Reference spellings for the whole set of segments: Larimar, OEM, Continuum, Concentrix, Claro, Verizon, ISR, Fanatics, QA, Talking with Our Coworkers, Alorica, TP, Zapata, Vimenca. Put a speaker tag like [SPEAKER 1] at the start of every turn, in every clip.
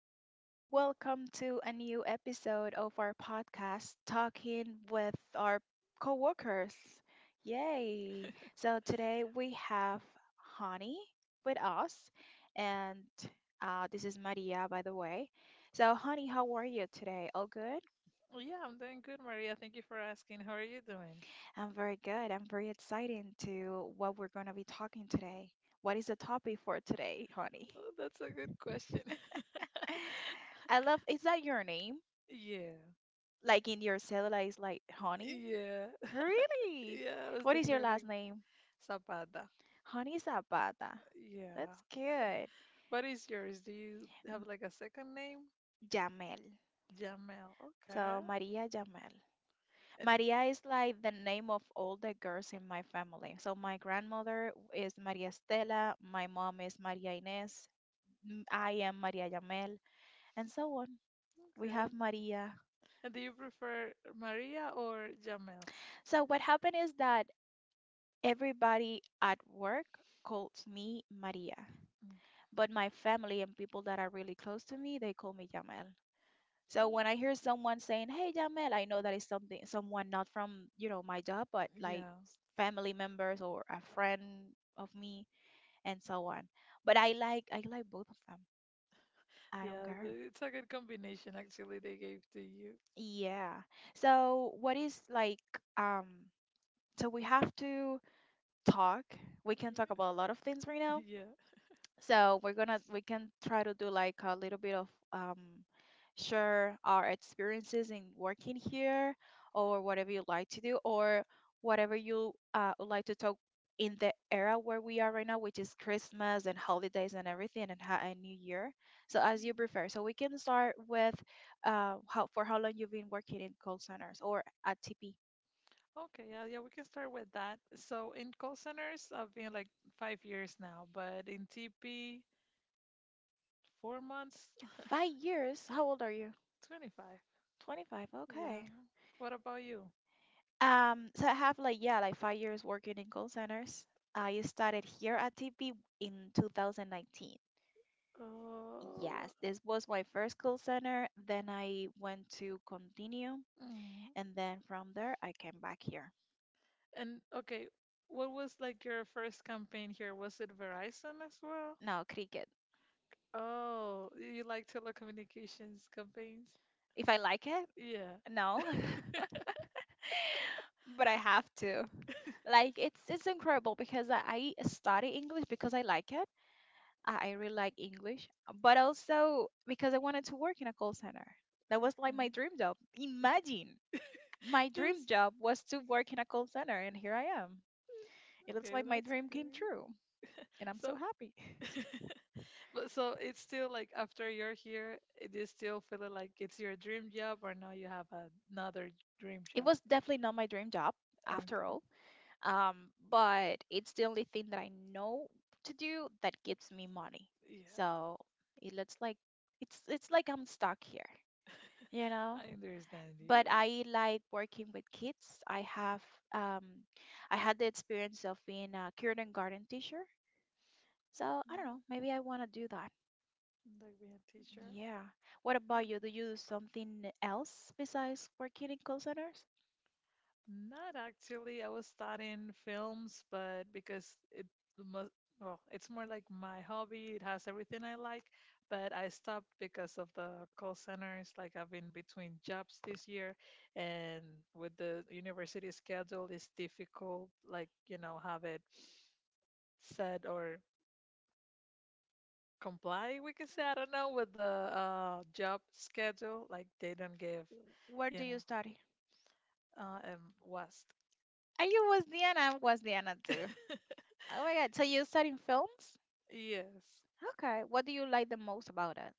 [SPEAKER 1] Hello, welcome to a new episode of our podcast, Talking with Our Coworkers. Yay! So today we have Hani with us, and this is Maria, by the way. So, Honey, how are you today? All good?
[SPEAKER 2] Well, yeah, I'm doing good, Maria. Thank you for asking. How are you doing?
[SPEAKER 1] I'm very good. I'm very excited to what we're going to be talking today. What is the topic for today, Honey?
[SPEAKER 2] Oh, that's a good question.
[SPEAKER 1] I love, is that your name?
[SPEAKER 2] Yeah.
[SPEAKER 1] Like in your cellular is like honey?
[SPEAKER 2] Yeah.
[SPEAKER 1] Really?
[SPEAKER 2] Yeah, I was
[SPEAKER 1] What is your
[SPEAKER 2] declared
[SPEAKER 1] last
[SPEAKER 2] like
[SPEAKER 1] name?
[SPEAKER 2] Zapata.
[SPEAKER 1] Honey Zapata.
[SPEAKER 2] Yeah.
[SPEAKER 1] That's good.
[SPEAKER 2] What is yours? Do you have
[SPEAKER 1] M-
[SPEAKER 2] like a second name?
[SPEAKER 1] Jamel.
[SPEAKER 2] Jamel.
[SPEAKER 1] So
[SPEAKER 2] Okay.
[SPEAKER 1] Maria Jamel.
[SPEAKER 2] And
[SPEAKER 1] Maria is like the name of all the girls in my family. So my grandmother is Maria Estela, my mom is Maria Inés, I am Maria Jamel, and so on. We
[SPEAKER 2] Okay. And
[SPEAKER 1] have Maria.
[SPEAKER 2] and do you prefer Maria or Jamel?
[SPEAKER 1] So what happened is that everybody at work calls me Maria.
[SPEAKER 2] Okay.
[SPEAKER 1] But my family and people that are really close to me, they call me Jamel. So when I hear someone saying, "Hey Jamel," I know that is something someone not from, you know, my job, but like
[SPEAKER 2] Yeah.
[SPEAKER 1] family members or a friend of me and so on. But I like both of them. I don't
[SPEAKER 2] Yeah,
[SPEAKER 1] care.
[SPEAKER 2] it's a good combination actually they gave to you.
[SPEAKER 1] Yeah. So what is like um so we have to talk. We can talk about a lot of things right now
[SPEAKER 2] Yeah. Yeah.
[SPEAKER 1] so we can try to do like a little bit of um share our experiences in working here or whatever you like to do or whatever you would like to talk in the era where we are right now, which is Christmas and holidays and everything, and new year. So as you prefer, so we can start with how for how long you've been working in call centers or at TP.
[SPEAKER 2] Okay, yeah, yeah, we can start with that. So in call centers, I've been like 5 years now, but in TP, 4 months,
[SPEAKER 1] 5 years. How old are you?
[SPEAKER 2] 25.
[SPEAKER 1] 25.
[SPEAKER 2] Yeah.
[SPEAKER 1] Okay.
[SPEAKER 2] What about you?
[SPEAKER 1] So I have like, yeah, like 5 years working in call centers. I started here at TP in 2019.
[SPEAKER 2] Uh,
[SPEAKER 1] Yes, this was my first call center. Then I went to continue,
[SPEAKER 2] Mm.
[SPEAKER 1] and then from there I came back here.
[SPEAKER 2] And okay, what was like your first campaign here? Was it Verizon as well?
[SPEAKER 1] No, cricket.
[SPEAKER 2] Oh, you like telecommunications campaigns?
[SPEAKER 1] If I like it,
[SPEAKER 2] Yeah.
[SPEAKER 1] no, but I have to. Like, it's incredible because I study English because I like it. I really like English, but also because I wanted to work in a call center. That was like
[SPEAKER 2] Okay.
[SPEAKER 1] my dream job. Imagine, my dream
[SPEAKER 2] This-
[SPEAKER 1] job was to work in a call center, and here I am. It looks
[SPEAKER 2] Okay,
[SPEAKER 1] like my
[SPEAKER 2] that's
[SPEAKER 1] dream came
[SPEAKER 2] great.
[SPEAKER 1] true, and I'm
[SPEAKER 2] So,
[SPEAKER 1] so happy.
[SPEAKER 2] but so it's still like after you're here, it is still feeling like it's your dream job, or now you have another dream
[SPEAKER 1] It
[SPEAKER 2] job.
[SPEAKER 1] was definitely not my dream job after
[SPEAKER 2] Okay.
[SPEAKER 1] all, but it's the only thing that I know to do that gives me money.
[SPEAKER 2] Yeah,
[SPEAKER 1] So it looks like it's like I'm stuck here, you know.
[SPEAKER 2] I understand you.
[SPEAKER 1] But I like working with kids. I have um, I had the experience of being a kindergarten teacher, so I don't
[SPEAKER 2] Mm,
[SPEAKER 1] know. Maybe I want to do that.
[SPEAKER 2] like being a teacher.
[SPEAKER 1] Yeah. What about you? Do you do something else besides working in call centers?
[SPEAKER 2] Not actually. I was studying films, but because it must, well, it's more like my hobby. It has everything I like, but I stopped because of the call centers. Like I've been between jobs this year, and with the university schedule, it's difficult, like, you know, have it set or comply we can say I don't know with the job schedule like they don't give
[SPEAKER 1] Where
[SPEAKER 2] you
[SPEAKER 1] do you
[SPEAKER 2] know
[SPEAKER 1] study?
[SPEAKER 2] in west.
[SPEAKER 1] Are you was Diana. I was Diana too. Oh my God. So you studying films?
[SPEAKER 2] Yes,
[SPEAKER 1] Okay. What do you like the most about it?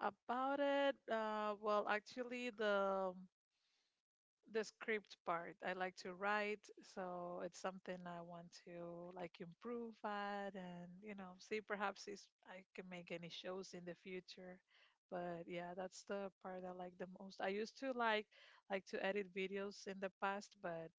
[SPEAKER 2] about it, well, actually the script part. I like to write, so it's something I want to like improve at, and see perhaps if I can make any shows in the future. But yeah, that's the part I like the most. I used to like to edit videos in the past, but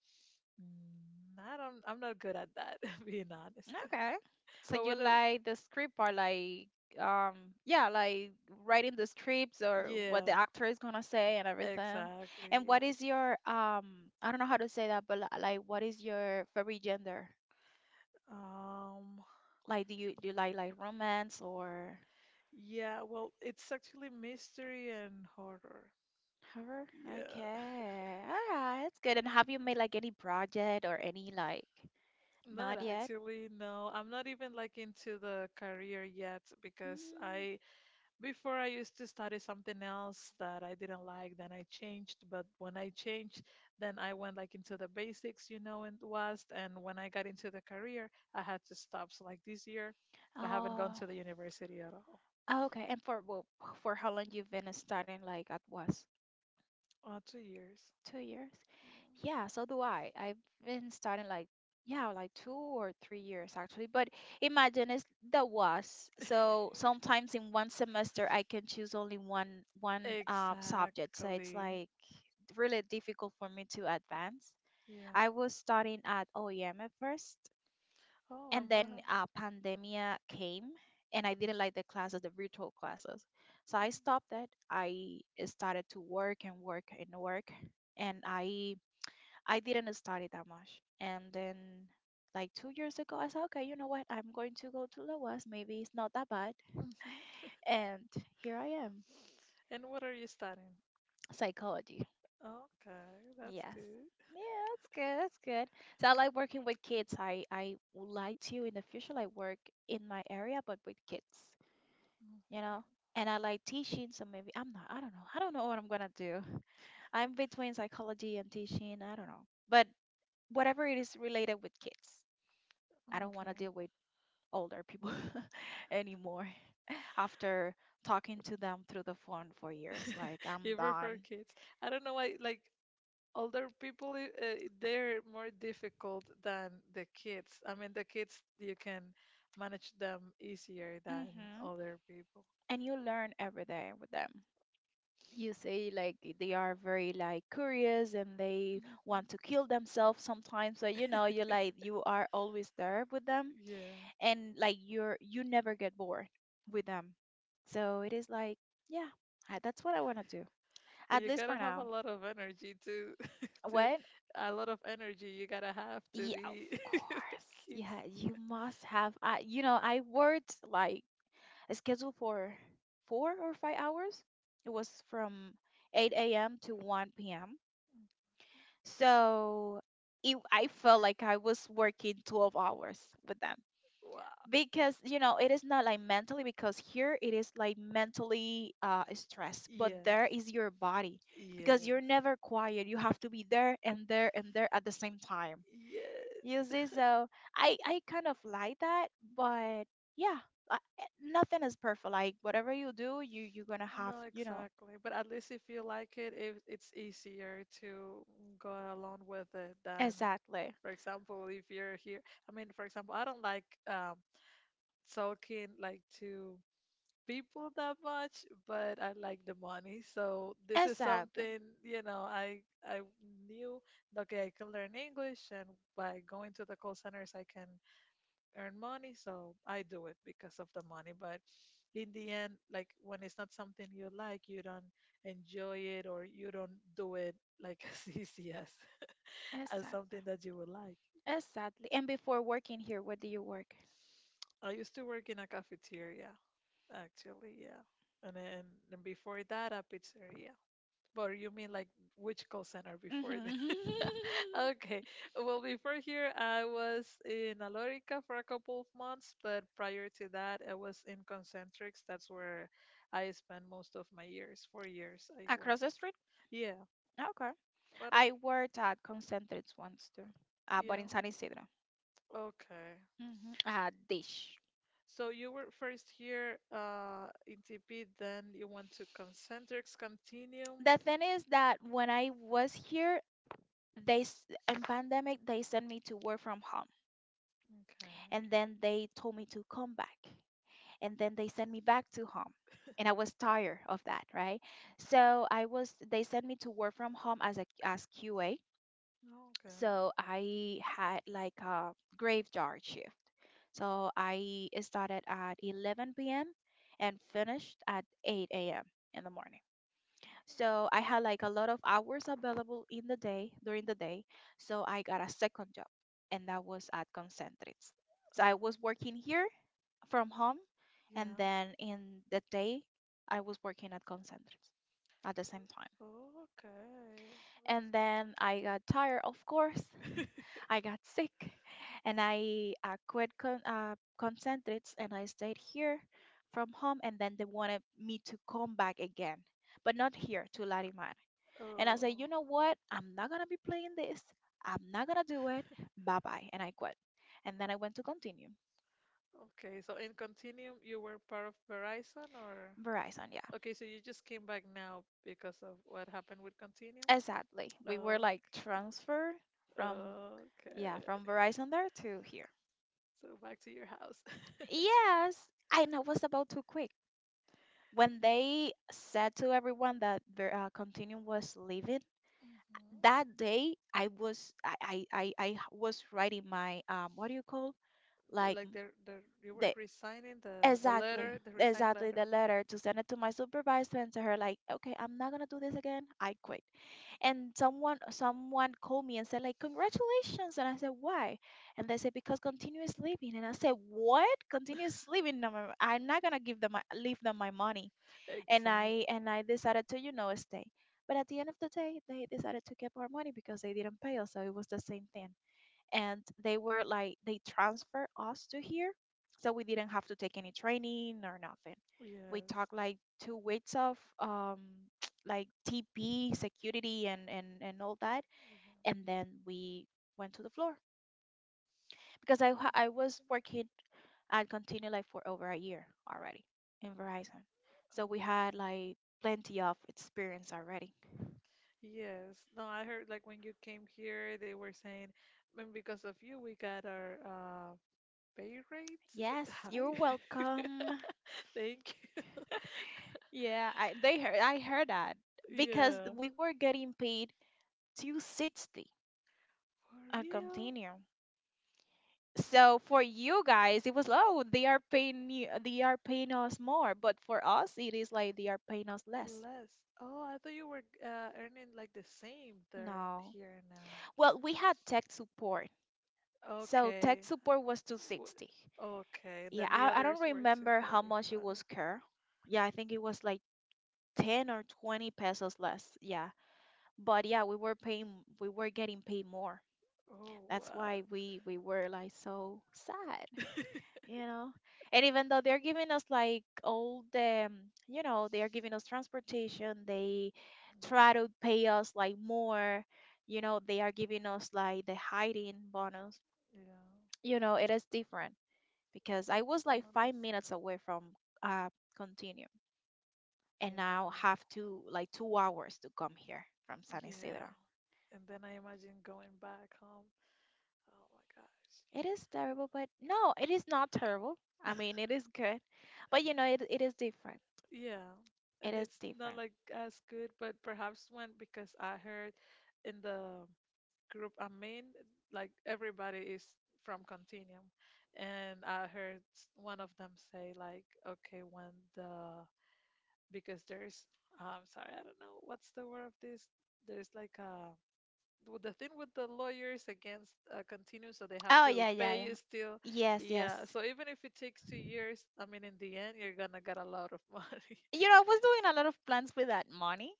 [SPEAKER 2] I'm not good at that, being honest.
[SPEAKER 1] Okay. So
[SPEAKER 2] But
[SPEAKER 1] you
[SPEAKER 2] what a
[SPEAKER 1] like the script or like yeah, like writing the scripts or what the
[SPEAKER 2] Yeah,
[SPEAKER 1] actor is gonna say and everything.
[SPEAKER 2] exactly.
[SPEAKER 1] And what is your I don't know how to say that, but like what is your favorite gender?
[SPEAKER 2] Um,
[SPEAKER 1] Like do you like romance or
[SPEAKER 2] Yeah, well, it's actually mystery and horror.
[SPEAKER 1] horror?
[SPEAKER 2] Yeah.
[SPEAKER 1] Okay. All right, that's good. And have you made like any project or any like
[SPEAKER 2] Not
[SPEAKER 1] not yet?
[SPEAKER 2] actually, no. I'm not even like into the career yet because
[SPEAKER 1] Mm.
[SPEAKER 2] I before I used to study something else that I didn't like, then I changed, but when I changed, then I went like into the basics, in the West, and when I got into the career, I had to stop. So like this year, I haven't gone
[SPEAKER 1] Oh,
[SPEAKER 2] to the university at all.
[SPEAKER 1] oh, okay. And for, well, for how long you've been studying? Like at was
[SPEAKER 2] Oh, 2 years.
[SPEAKER 1] 2 years? Yeah, so do I. I've been studying like, yeah, like 2 or 3 years actually. But imagine it's the was.
[SPEAKER 2] Yeah.
[SPEAKER 1] So sometimes in one semester I can choose only one one subject. So it's
[SPEAKER 2] Exactly.
[SPEAKER 1] like really difficult for me to advance. I
[SPEAKER 2] Yeah.
[SPEAKER 1] was studying at OEM at first,
[SPEAKER 2] Oh,
[SPEAKER 1] and
[SPEAKER 2] and what
[SPEAKER 1] then
[SPEAKER 2] happened?
[SPEAKER 1] pandemia came, and I didn't like the classes, the virtual classes, so I stopped that. I started to work and work and work, and I didn't study that much. And then like 2 years ago I said, okay, you know what, I'm going to go to loas, maybe it's not that bad.
[SPEAKER 2] Mm-hmm.
[SPEAKER 1] And here I am.
[SPEAKER 2] And what are you studying?
[SPEAKER 1] Psychology.
[SPEAKER 2] Okay, that's
[SPEAKER 1] Yes.
[SPEAKER 2] good.
[SPEAKER 1] Yeah. That's good. So I like working with kids. I would like to in the future like work in my area but with kids,
[SPEAKER 2] Mm.
[SPEAKER 1] you know. And I like teaching, so maybe I'm not, I don't know, I don't know what I'm gonna do. I'm between psychology and teaching, I don't know, but whatever it is related with kids. I don't want to
[SPEAKER 2] Okay.
[SPEAKER 1] deal with older people anymore after talking to them through the phone for years, like I'm
[SPEAKER 2] You
[SPEAKER 1] done.
[SPEAKER 2] prefer kids. I don't know why, like, older people, they're more difficult than the kids. I mean, the kids, you can manage them easier than
[SPEAKER 1] Hmm.
[SPEAKER 2] older people.
[SPEAKER 1] And you learn every day with them. You say, like they are very like curious and they
[SPEAKER 2] Mhm.
[SPEAKER 1] want to kill themselves sometimes, so you know, you like, you are always there with them.
[SPEAKER 2] Yeah.
[SPEAKER 1] And like you never get bored with them. So it is like, yeah, I- that's what I want to do,
[SPEAKER 2] But
[SPEAKER 1] at
[SPEAKER 2] you
[SPEAKER 1] least
[SPEAKER 2] gotta
[SPEAKER 1] for
[SPEAKER 2] have a
[SPEAKER 1] now.
[SPEAKER 2] lot of energy to to
[SPEAKER 1] What?
[SPEAKER 2] a lot of energy you gotta have to
[SPEAKER 1] Yeah, of
[SPEAKER 2] be
[SPEAKER 1] course.
[SPEAKER 2] kids.
[SPEAKER 1] Yeah, you must have. I, you know, I worked like a schedule for 4 or 5 hours. It was from 8 a.m. to 1 p.m. So it, I felt like I was working 12 hours with them,
[SPEAKER 2] Wow.
[SPEAKER 1] because you know it is not like mentally, because here it is like mentally stressed, but
[SPEAKER 2] Yeah.
[SPEAKER 1] there is your body, because you're
[SPEAKER 2] Yeah.
[SPEAKER 1] never quiet. You have to be there and there and there at the same time. You
[SPEAKER 2] Yes.
[SPEAKER 1] see? So I kind of like that. But, yeah, nothing is perfect. Like whatever you do, you're gonna have,
[SPEAKER 2] No,
[SPEAKER 1] you know.
[SPEAKER 2] exactly. But at least if you like it, if it's easier to go along with it than,
[SPEAKER 1] Exactly.
[SPEAKER 2] for example, if you're here. I mean, for example, I don't like um talking like to people that much, but I like the money. So this is
[SPEAKER 1] Exactly.
[SPEAKER 2] something, I knew that, okay, I can learn English, and by going to the call centers I can earn money, so I do it because of the money. But in the end, like when it's not something you like, you don't enjoy it or you don't do it like as easy as
[SPEAKER 1] Exactly.
[SPEAKER 2] something that you would like.
[SPEAKER 1] Exactly. And before working here, where do you work?
[SPEAKER 2] I used to work in a cafeteria, actually, yeah. And then and before that, a pizzeria. But you mean like which call center before that?
[SPEAKER 1] Hmm.
[SPEAKER 2] Okay. Well, before here, I was in Alorica for a couple of months, but prior to that, I was in Concentrix. That's where I spent most of my years, 4 years I
[SPEAKER 1] Across
[SPEAKER 2] worked.
[SPEAKER 1] the street?
[SPEAKER 2] Yeah.
[SPEAKER 1] Okay.
[SPEAKER 2] What a,
[SPEAKER 1] I worked at Concentrates once too, but
[SPEAKER 2] yeah.
[SPEAKER 1] in San Isidro.
[SPEAKER 2] Okay.
[SPEAKER 1] Mm-hmm. Dish.
[SPEAKER 2] So you were first here in TP, then you went to Concentrix Continuum.
[SPEAKER 1] The thing is that when I was here, they in pandemic they sent me to work from home, and
[SPEAKER 2] Okay.
[SPEAKER 1] then they told me to come back, and then they sent me back to home, and I was tired of that, right? So I was, they sent me to work from home as a as QA.
[SPEAKER 2] Okay.
[SPEAKER 1] So I had like a graveyard shift. So I started at 11 p.m. and finished at 8 a.m. in the morning. So I had like a lot of hours available in the day, during the day. So I got a second job, and that was at Concentrix.
[SPEAKER 2] Oh,
[SPEAKER 1] So I was working here from home, and
[SPEAKER 2] yeah.
[SPEAKER 1] then in the day, I was working at Concentrix at the same time. And then I got tired, of course.
[SPEAKER 2] Okay.
[SPEAKER 1] I got sick, and I quit Concentrix, and I stayed here from home. And then they wanted me to come back again, but not here to Larimar. And I said, you
[SPEAKER 2] Oh,
[SPEAKER 1] know what? I'm not going to be playing this. I'm not going to do it. Bye bye. And I quit. And then I went to continue.
[SPEAKER 2] okay. So in Continuum, you were part of Verizon or?
[SPEAKER 1] Verizon, yeah.
[SPEAKER 2] Okay, so you just came back now because of what happened with Continuum?
[SPEAKER 1] Exactly. We were
[SPEAKER 2] Oh,
[SPEAKER 1] like transferred from, yeah,
[SPEAKER 2] okay.
[SPEAKER 1] from Verizon there to here.
[SPEAKER 2] So back to your house.
[SPEAKER 1] Yes. And I was about to quit. When they said to everyone that Continuum was leaving,
[SPEAKER 2] Hmm.
[SPEAKER 1] that day I was, I was writing my what do you call, like,
[SPEAKER 2] Like they're you were
[SPEAKER 1] the
[SPEAKER 2] resigning, the
[SPEAKER 1] exactly,
[SPEAKER 2] letter, the resign
[SPEAKER 1] exactly
[SPEAKER 2] letter.
[SPEAKER 1] the letter to send it to my supervisor and to her like, okay, I'm not gonna do this again. I quit. And someone called me and said like, congratulations. And I said, why? And they said because continuous living. And I said, what? Continuous living? No, no, no, I'm not gonna give them my, leave them my money. And
[SPEAKER 2] Exactly.
[SPEAKER 1] I decided to, you know, stay. But at the end of the day, they decided to keep our money because they didn't pay us. So it was the same thing, and they were like, they transferred us to here, so we didn't have to take any training or nothing.
[SPEAKER 2] Yes.
[SPEAKER 1] We
[SPEAKER 2] Yeah.
[SPEAKER 1] talked like 2 weeks of like TP security and all that, and then we went to the floor, because I was working at continue like for over a year already in Verizon. So
[SPEAKER 2] Oh.
[SPEAKER 1] we had like plenty of experience already.
[SPEAKER 2] Yes. No, I heard like when you came here, they were saying, "Man, because of you, we got our pay rate
[SPEAKER 1] Yes, you're
[SPEAKER 2] high."
[SPEAKER 1] welcome.
[SPEAKER 2] Thank you.
[SPEAKER 1] Yeah, I, they heard, I heard that, because
[SPEAKER 2] Yeah.
[SPEAKER 1] we were getting paid 260
[SPEAKER 2] For
[SPEAKER 1] at
[SPEAKER 2] real?
[SPEAKER 1] Continuum. So for you guys, it was, oh, they are paying you, they are paying us more, but for us it is like they are paying us less.
[SPEAKER 2] Less. Oh, I thought you were earning like the same there and
[SPEAKER 1] No,
[SPEAKER 2] here and now.
[SPEAKER 1] well, we had tech support, so tech
[SPEAKER 2] Okay.
[SPEAKER 1] support was
[SPEAKER 2] W-
[SPEAKER 1] 260.
[SPEAKER 2] Okay. And
[SPEAKER 1] Yeah,
[SPEAKER 2] then the
[SPEAKER 1] I don't
[SPEAKER 2] others were
[SPEAKER 1] remember how much it
[SPEAKER 2] 235.
[SPEAKER 1] was care. Yeah, I think it was like 10 or 20 pesos less. Yeah, but yeah, we were getting paid more.
[SPEAKER 2] Oh,
[SPEAKER 1] That's
[SPEAKER 2] wow.
[SPEAKER 1] why we were like so sad, you know. And even though they're giving us like all the, they are giving us transportation, they try to pay us like more, you know, they are giving us like the hiding bonus.
[SPEAKER 2] Yeah.
[SPEAKER 1] You know, it is different because I was
[SPEAKER 2] Yeah.
[SPEAKER 1] like 5 minutes away from uh Continuum,
[SPEAKER 2] That's
[SPEAKER 1] and now
[SPEAKER 2] enough.
[SPEAKER 1] have to like 2 hours to come here from San
[SPEAKER 2] Yeah.
[SPEAKER 1] Isidro.
[SPEAKER 2] And then I imagine going back home. Oh my gosh.
[SPEAKER 1] It is terrible, but no, it is not terrible. I mean, it is good, but you know, it is different.
[SPEAKER 2] Yeah,
[SPEAKER 1] It
[SPEAKER 2] and
[SPEAKER 1] is
[SPEAKER 2] it's not
[SPEAKER 1] different.
[SPEAKER 2] like as good, but perhaps one because I heard in the group I'm in, like everybody is from Continuum, and I heard one of them say like, okay, when the because there's ah, I'm sorry, I don't know what's the word of this. There's like a with the thing with the lawyers against Continuum, so they have
[SPEAKER 1] Oh
[SPEAKER 2] to
[SPEAKER 1] yeah, yeah,
[SPEAKER 2] pay
[SPEAKER 1] yeah.
[SPEAKER 2] you still.
[SPEAKER 1] Yes,
[SPEAKER 2] Yeah,
[SPEAKER 1] yes.
[SPEAKER 2] so even if it takes 2 years, I mean, in the end, you're gonna get a lot of money.
[SPEAKER 1] You know, I was doing a lot of plans with that money.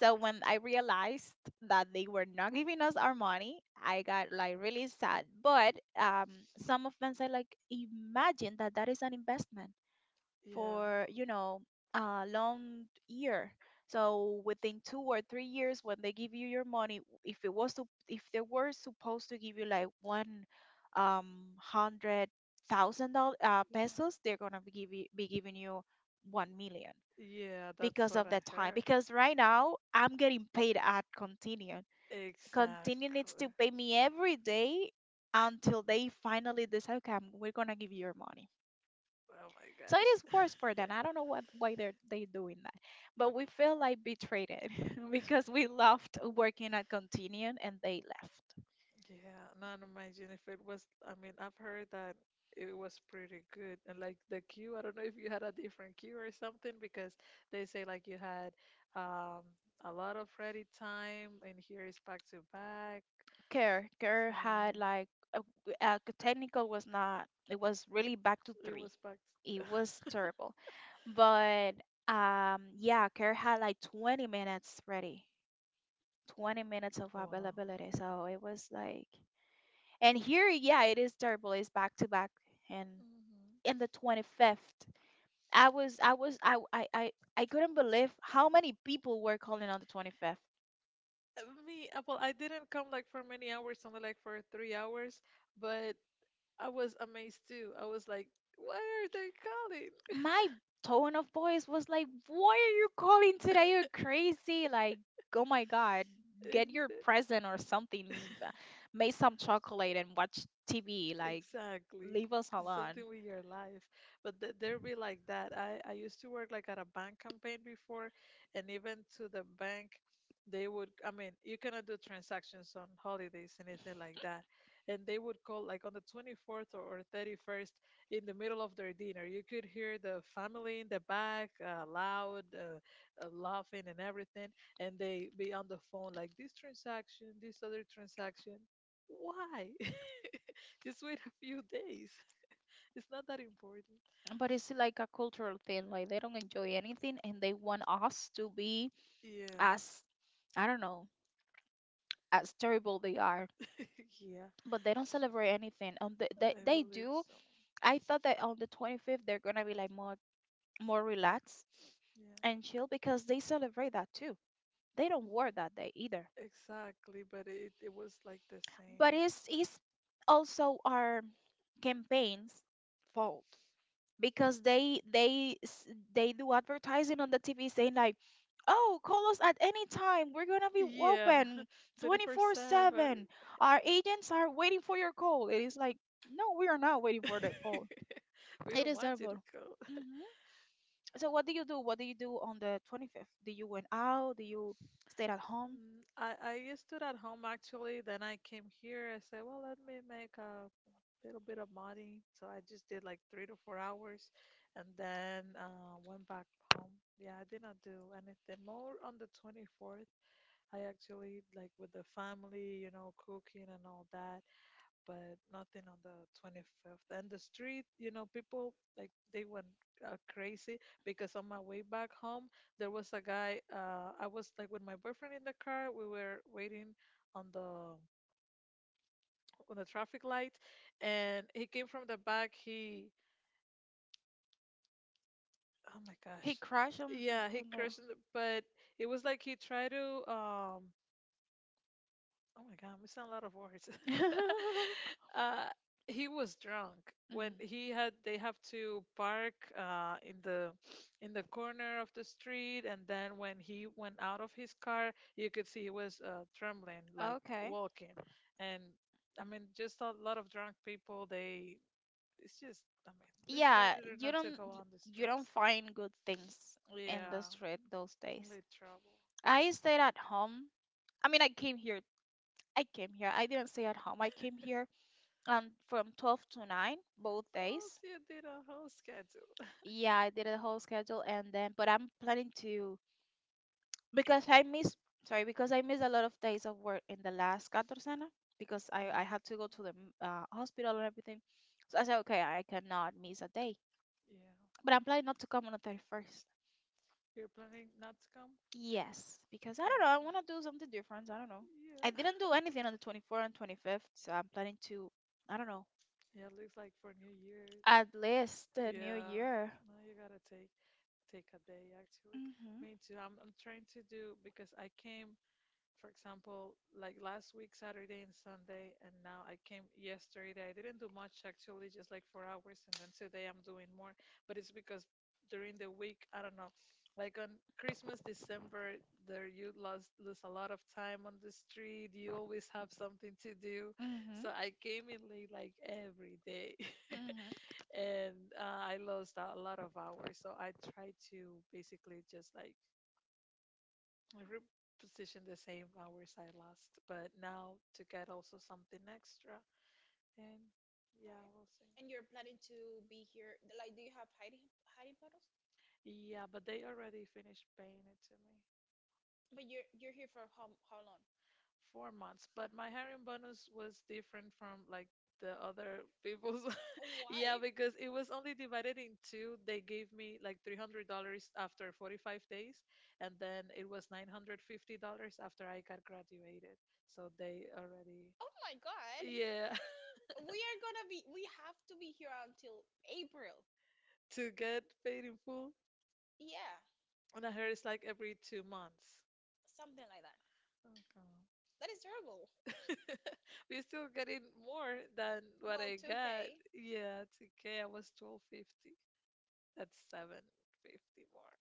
[SPEAKER 1] So when I realized that they were not giving us our money, I got like really sad. But some of them said like, imagine that that is an investment
[SPEAKER 2] Yeah.
[SPEAKER 1] for a long year. So within 2 or 3 years, when they give you your money, if it was to, if they were supposed to give you like one hundred thousand dollars
[SPEAKER 2] Yeah,
[SPEAKER 1] pesos, they're gonna be giving you 1 million
[SPEAKER 2] Yeah. that's
[SPEAKER 1] because
[SPEAKER 2] what
[SPEAKER 1] of
[SPEAKER 2] I
[SPEAKER 1] that time.
[SPEAKER 2] heard.
[SPEAKER 1] Because right now I'm getting paid at Continuum. Continuum needs
[SPEAKER 2] Exactly.
[SPEAKER 1] to pay me every day until they finally decide, okay, we're gonna give you your money.
[SPEAKER 2] Oh my
[SPEAKER 1] So it is worse for
[SPEAKER 2] gosh.
[SPEAKER 1] them. I don't know what why they're they doing that, but we feel like betrayed because we loved working at Continuum and they left.
[SPEAKER 2] Yeah, not imagine if it was. I mean, I've heard that it was pretty good, and like the queue, I don't know if you had a different queue or something because they say like you had um a lot of ready time, and here is back to back.
[SPEAKER 1] Care
[SPEAKER 2] So
[SPEAKER 1] had like a,
[SPEAKER 2] yeah,
[SPEAKER 1] technical was not. It was really back to
[SPEAKER 2] it
[SPEAKER 1] three.
[SPEAKER 2] was packed.
[SPEAKER 1] It was terrible. But yeah, Kerr had like 20 minutes ready, 20 minutes of
[SPEAKER 2] Wow.
[SPEAKER 1] availability. So it was like, and here, yeah, it is terrible. It's back to back, and
[SPEAKER 2] Mm-hmm.
[SPEAKER 1] in the 25th, I was, I was, I couldn't believe how many people were calling on the 25th.
[SPEAKER 2] Me, well, I didn't come like for many hours, only like for 3 hours, but I was amazed too. I was like, why are they calling?
[SPEAKER 1] My tone of voice was like, "Why are you calling today? You're crazy." Like, oh my God,
[SPEAKER 2] And
[SPEAKER 1] get
[SPEAKER 2] he
[SPEAKER 1] your present or something.
[SPEAKER 2] said,
[SPEAKER 1] uh, Make some chocolate and watch TV. Like,
[SPEAKER 2] exactly.
[SPEAKER 1] leave us alone.
[SPEAKER 2] Something with your life. But th there be like that. I used to work like at a bank campaign before, and even to the bank, they would, I mean, you cannot do transactions on holidays, anything like that. And they would call like on the 24th or 31st in the middle of their dinner. You could hear the family in the back loud, laughing and everything. And they be on the phone like this transaction, this other transaction. Why? Just wait a few days. It's not that important.
[SPEAKER 1] But it's like a cultural thing. Like, they don't enjoy anything and they want us to be
[SPEAKER 2] Yeah.
[SPEAKER 1] as, I don't know, as terrible they are.
[SPEAKER 2] Yeah.
[SPEAKER 1] But they don't celebrate anything. Um, they, they,
[SPEAKER 2] I
[SPEAKER 1] they
[SPEAKER 2] believe
[SPEAKER 1] do.
[SPEAKER 2] so.
[SPEAKER 1] I thought that on the 25th, they're going to be like more relaxed
[SPEAKER 2] Yeah.
[SPEAKER 1] and chill because they celebrate that too, they don't work that day either.
[SPEAKER 2] Exactly, but it was like the
[SPEAKER 1] But
[SPEAKER 2] same.
[SPEAKER 1] it's also our campaigns' fault because they do advertising on the TV saying like, "Oh, call us at any time. We're gonna be
[SPEAKER 2] Yeah.
[SPEAKER 1] open
[SPEAKER 2] 24/7.
[SPEAKER 1] 24/7. Our agents are waiting for your call." It is like, no, we are not waiting for the call.
[SPEAKER 2] We don't want you to
[SPEAKER 1] Deservable.
[SPEAKER 2] go.
[SPEAKER 1] hmm So what do you do? What do you do on the 25th? Do you went out? Do you stayed at home?
[SPEAKER 2] I used to at home actually. Then I came here. I said, well, let me make a little bit of modding. So I just did like 3 to 4 hours and then went back home. Yeah, I did not do anything more on the 24th. I actually like with the family, cooking and all that, but nothing on the 25th. And the street, people like they went crazy because on my way back home, there was a guy, I was like with my boyfriend in the car, we were waiting on the on the traffic light, and he came from the back he Oh my
[SPEAKER 1] He
[SPEAKER 2] gosh.
[SPEAKER 1] crashed on,
[SPEAKER 2] Yeah, he
[SPEAKER 1] on the.
[SPEAKER 2] crushed it, but it was like he tried to, oh my god, I'm missing a lot of words. uh he was drunk when he had they have to park in the corner of the street, and then when he went out of his car you could see he was trembling like
[SPEAKER 1] Okay.
[SPEAKER 2] walking, and I mean just a lot of drunk people they it's just, I mean, it's
[SPEAKER 1] Yeah,
[SPEAKER 2] better not to go on the
[SPEAKER 1] you
[SPEAKER 2] street.
[SPEAKER 1] don't find good things in the
[SPEAKER 2] Yeah,
[SPEAKER 1] street those days.
[SPEAKER 2] only trouble.
[SPEAKER 1] I stayed at home. I mean, I came here. I didn't stay at home. I came here from 12 to 9 both
[SPEAKER 2] Oh,
[SPEAKER 1] days.
[SPEAKER 2] see, I did a whole schedule.
[SPEAKER 1] Yeah, I did a whole schedule and then but I'm planning to because I miss sorry, because I missed a lot of days of work in the last catorcena because I had
[SPEAKER 2] Mm,
[SPEAKER 1] to go to the hospital and everything. So I said, okay, I cannot miss a day,
[SPEAKER 2] yeah,
[SPEAKER 1] but I'm planning not to come on the 31st.
[SPEAKER 2] you're planning not to come?
[SPEAKER 1] Yes, because I don't know, I want to do something different. I don't know.
[SPEAKER 2] Yeah.
[SPEAKER 1] I didn't do anything on the 24th and 25th, so I'm planning to. I don't know.
[SPEAKER 2] Yeah, it looks like for New Year.
[SPEAKER 1] At least the new
[SPEAKER 2] Yeah,
[SPEAKER 1] year.
[SPEAKER 2] no, you gotta take a day actually.
[SPEAKER 1] Mhm.
[SPEAKER 2] Me too. I'm trying to do because I came, for example, like last week, Saturday and Sunday, and now I came yesterday. I didn't do much actually, just like 4 hours, and then today I'm doing more. But it's because during the week, I don't know, like on Christmas, December, there you lost lose a lot of time on the street. You always have something to do,
[SPEAKER 1] Mhm.
[SPEAKER 2] so I came in late like every day,
[SPEAKER 1] Mhm.
[SPEAKER 2] and I lost a lot of hours. So I try to basically just like every position the same hours I lost, but now to get also something extra. And yeah, we'll see. Yeah, but they already finished paying it to me. 4 months, but my hiring bonus was different from like the other people's. Yeah, because it was only divided in two. They gave me like $300 after 45 days, and then it was $950 after I got graduated. So they already, yeah, to get paid in full. And I heard it's like every 2 months. Okay. We still getting more than what I got. Yeah, 2K. I was 1250. That's 750 more.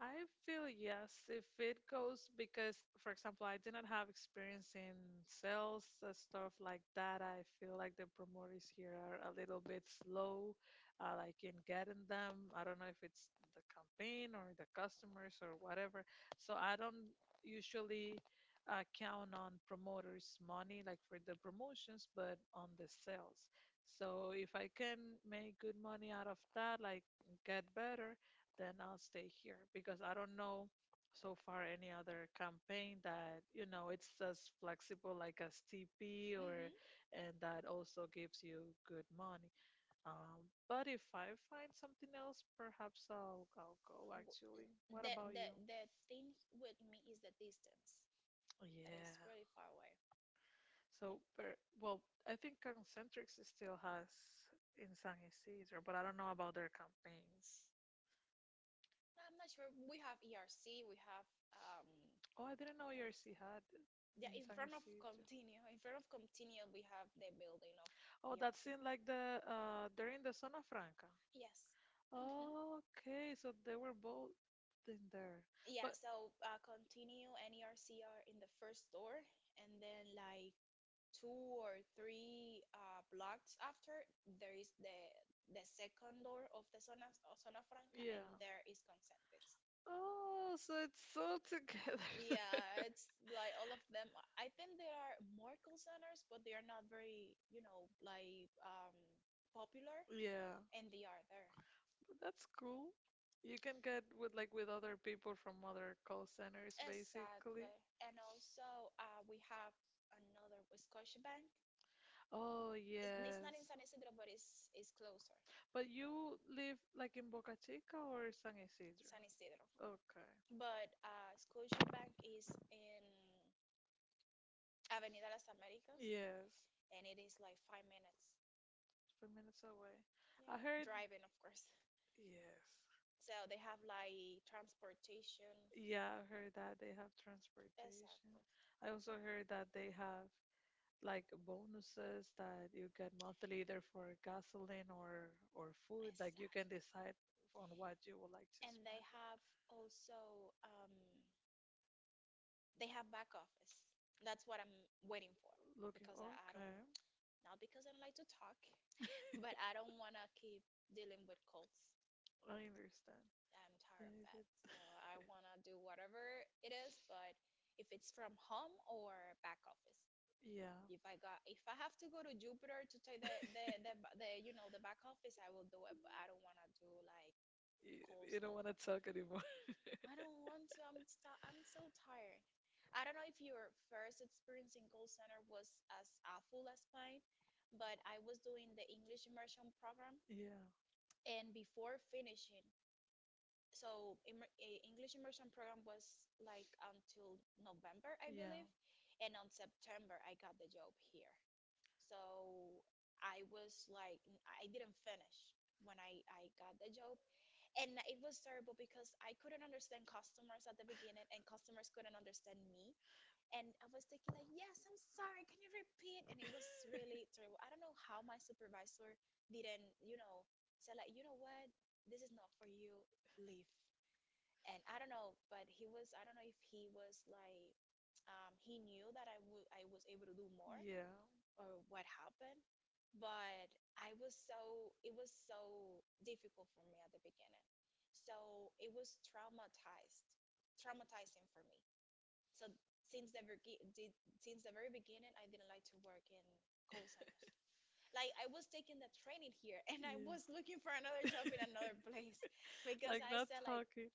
[SPEAKER 2] I feel yes, if it goes because, for example, I did not have experience in sales, stuff like that. I feel like the promoters here are a little bit slow, like in getting them. I don't know if it's the campaign or the customers or whatever. So I don't usually count on promoters' money, like for the promotions, but on the sales. So if I can make good money out of that, like get better, then I'll stay here because I don't know so far any other campaign that you know it's as flexible like as TP or and that also gives you good money. But if I find something else, perhaps I'll go actually. What about you? Yeah. Well, I think Concentrix still has in San Isidro, but I don't know about their campaigns. Oh, I didn't know ERC had Inside seat. Oh, that's in like the they're in the Zona Franca. Okay, so they were both in there, but
[SPEAKER 1] And then like.
[SPEAKER 2] yeah. Oh, so it's so together. Yeah. That's cool. You can get with like with other people from other call centers basically. Oh yes. But you live like in Boca Chica or San Isidro? Okay. Yes. 5 minutes away. I heard yes. Yeah, I heard that they have transportation. I also heard that they have like bonuses that you get monthly either for gasoline or food, like you can decide on what you would like to spend, looking, okay, I understand. Yeah, you could, yeah. you, you don't want to talk anymore. Yeah. Yeah. Yeah. Yeah. Because like not talking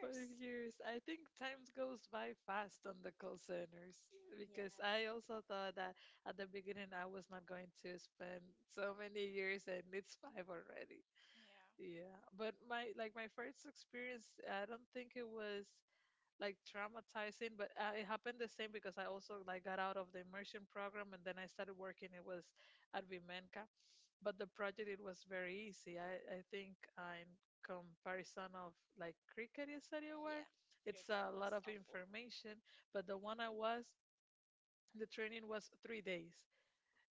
[SPEAKER 2] for years. I think time goes by fast on the call centers because I also thought that at the beginning I was not going to spend so many years, and it's five already. Yeah, but my like my first experience, I don't think it was like traumatizing, but it happened the same because I also like got out of the immersion program and then I started working. It was at Vimenca, but the project it was very easy. I think in comparison of like Cricket you said you were, it's a lot of information. But the one I was, the training was 3 days.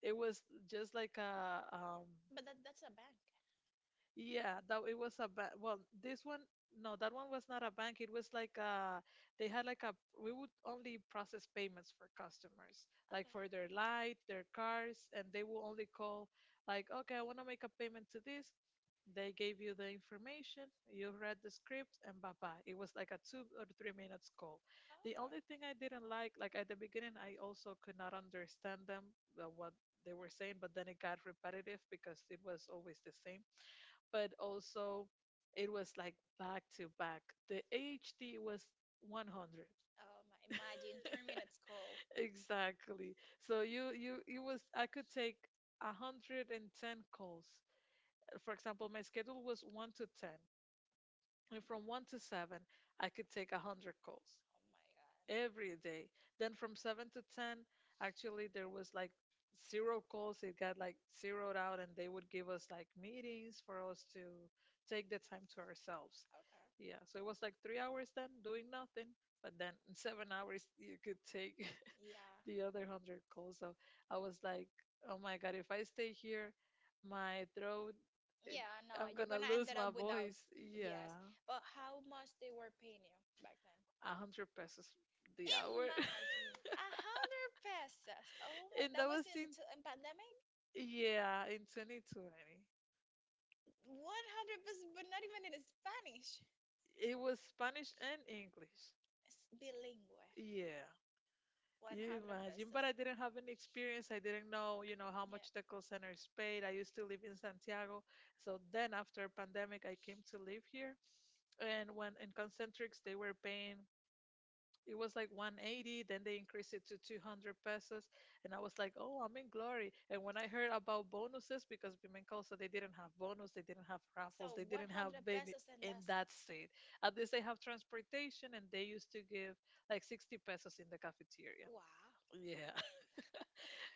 [SPEAKER 2] It was just like a yeah, that it was a well, this one no, that one was not a bank. It was like they had like a we would only process payments for customers, like for their light, their cars, and they will only call like, okay, I want to make a payment to this. They gave you the information, you read the script, and bye bye. It was like a 2 or 3 minutes call. The only thing I didn't like at the beginning, I also could not understand them what they were saying, but then it got repetitive because it was always the same, but also it was like back to back. The H D was 100. Exactly. So you it was I could take 110 calls. For example, my schedule was 1 to 10, and from 1 to 7, I could take 100 calls every day. Then from 7 to 10, actually, there was like zero calls. It got like zeroed out, and they would give us like meetings for us to take the time to ourselves. Yeah, so it was like 3 hours then doing nothing, but then in 7 hours, you could take the other 100 calls. So I was like, oh my God, if I stay here, my throat, it, I'm gonna lose my voice. Yeah, 100 pesos the hour.
[SPEAKER 1] Yes.
[SPEAKER 2] And that was in yeah in 2020. It was Spanish and English. Yeah. You imagine, but I didn't have any experience. I didn't know, you know, how much the call centers paid. I used to live in Santiago. So then after pandemic, I came to live here. And when in Concentrics, they were paying, it was like 180, then they increased it to 200 pesos, and I was like, oh, I'm in glory. And when I heard about bonuses, because Bimencosa, they didn't have bonus, they didn't have raffles, they didn't have many. In that state, at least they have transportation, and they used to give like 60 pesos in the cafeteria. Yeah.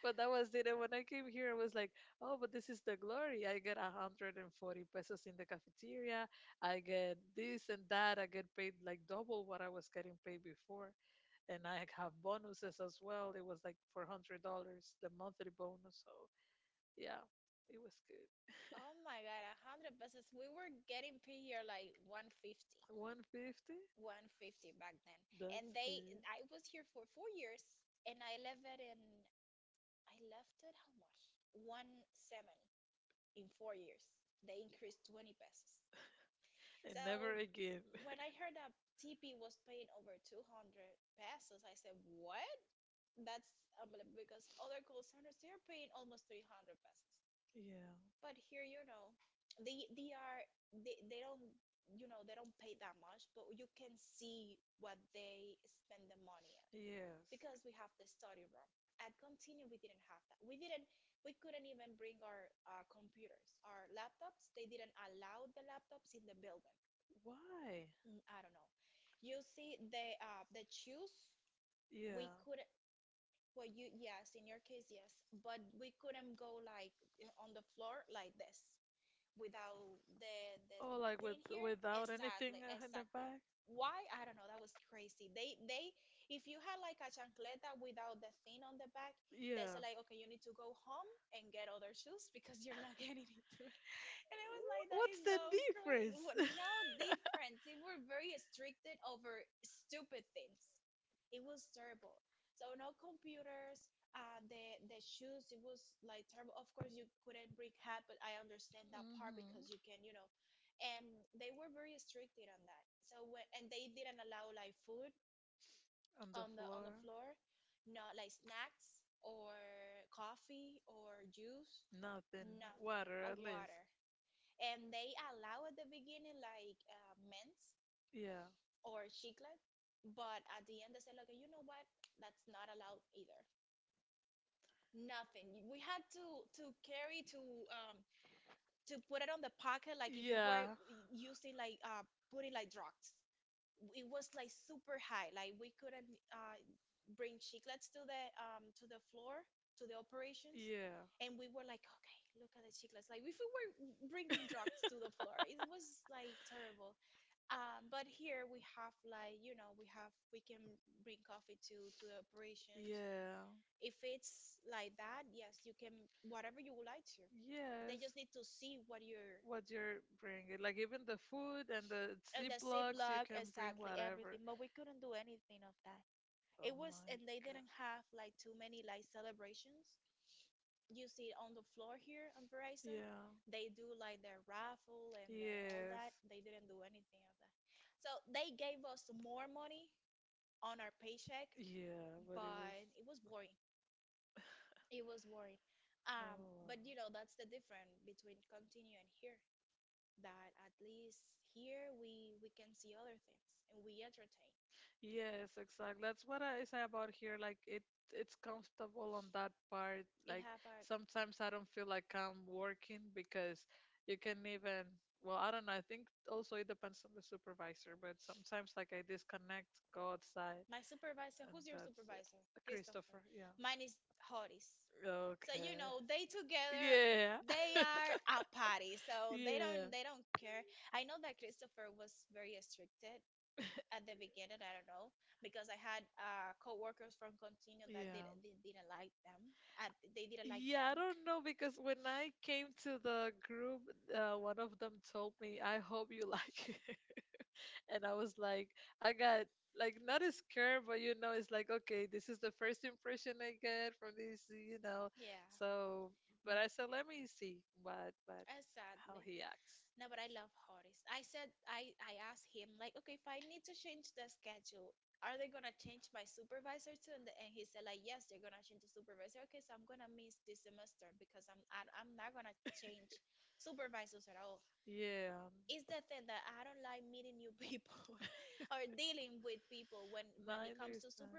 [SPEAKER 2] But that was it, and when I came here I was like, oh, but this is the glory, I get 140 pesos in the cafeteria, I get this and that, I get paid like double what I was getting paid before, and I have bonuses as well. It was like $400 the monthly bonus. So yeah, it was good. 150. That's good. And never again. Yeah. Yes. Why? Yeah. Oh, like with without anything in the back. Yeah. What's the difference? Mhm. On the floor. Nothing. Water at least. Yeah. Yeah. Yeah. Yeah. Yes. What you're bringing, like even the food and the Ziplocs, you can bring whatever. Oh my god. Yeah. Yes. Yeah, but it was. Oh wow. Yes, exactly. That's what I say about here. Like it, it's comfortable on that part. Like sometimes I don't feel like I'm working because you can even. Well, I don't know. I think also it depends on the supervisor, but sometimes like I disconnect, go outside, and that's it. Christopher, yeah. Okay. Yeah. Yeah. Yeah. Yeah, I don't know because when I came to the group, one of them told me, "I hope you like it," and I was like, I got like not as scared, but you know, it's like okay, this is the first impression I get from this, you know. So, but I said, let me see what how he acts. Yeah. No, I understand.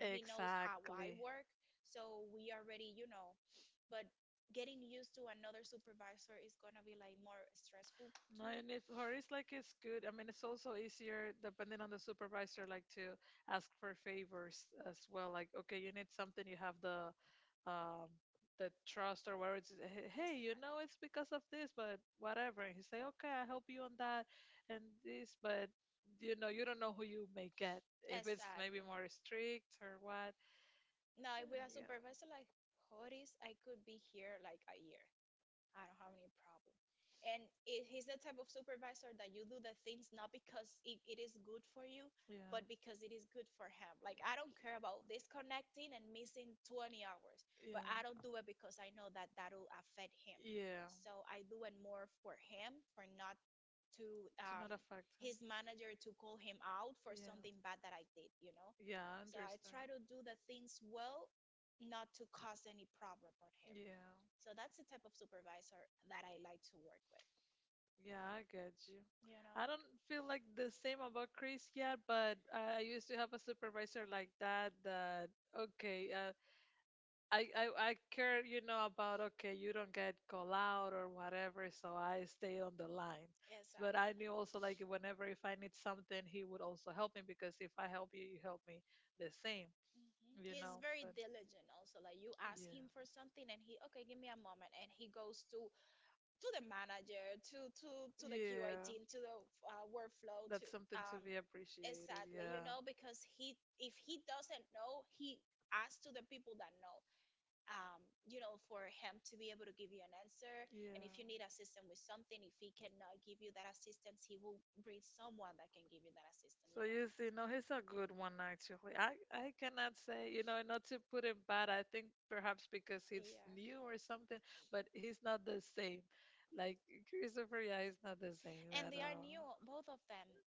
[SPEAKER 2] Exactly. No, and if her is like it's good, I mean, it's also easier depending on the supervisor, like to ask for favors as well. Like, okay, you need something, you have um the trust or whatever. It's, "Hey, hey, you know, it's because of this, but whatever." And he say, okay, I help you on that and this, but you know, you don't know who you may get if it's maybe more strict or what. And, yeah. But yeah. Yeah. Not affect. Yeah, I yeah. Yeah, I get you. I don't feel like the same about Chris yet, but I used to have a supervisor like that that okay, I care, you know, about okay, you don't get call out or whatever, so I stayed on the line. But I knew also like whenever if I need something, he would also help me because if I help you, you help me the same, you know. But yeah. Yeah. Be appreciated. Yeah. So you see, no, he's a good one actually. I cannot say, you know, not to put him bad. I think perhaps because he's new or something, but he's not the same. Like Christopher, yeah, he's not the same at all. Uh,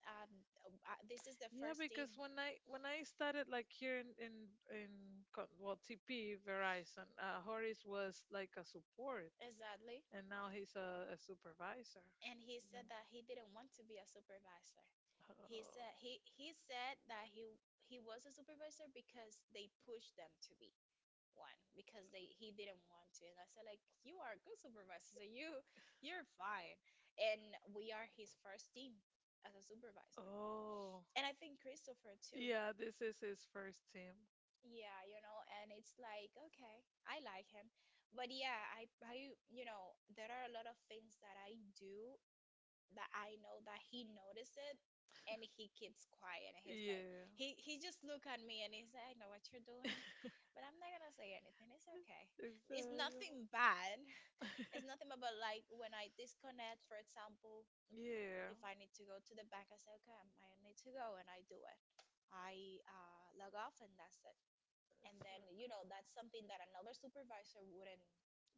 [SPEAKER 2] yeah, because when I started like here in well TP Verizon, Horace was like a support, and now he's a supervisor. Man. Oh. Oh. Yeah, this is his first team. Yeah. Exactly. Yeah. That's right.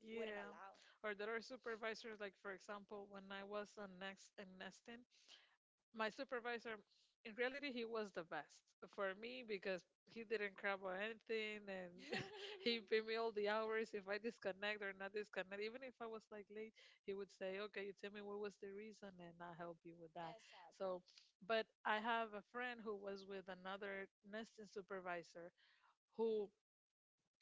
[SPEAKER 2] Yeah. Or there are supervisors, like for example, when I was on next in nesting, my supervisor, in reality, he was the best for me because he didn't care about anything, and he paid me all the hours. If I disconnect or not disconnect, even if I was like late, he would say, okay, you tell me what was the reason and I'll help you with that. So, but I have a friend who was with another nesting supervisor who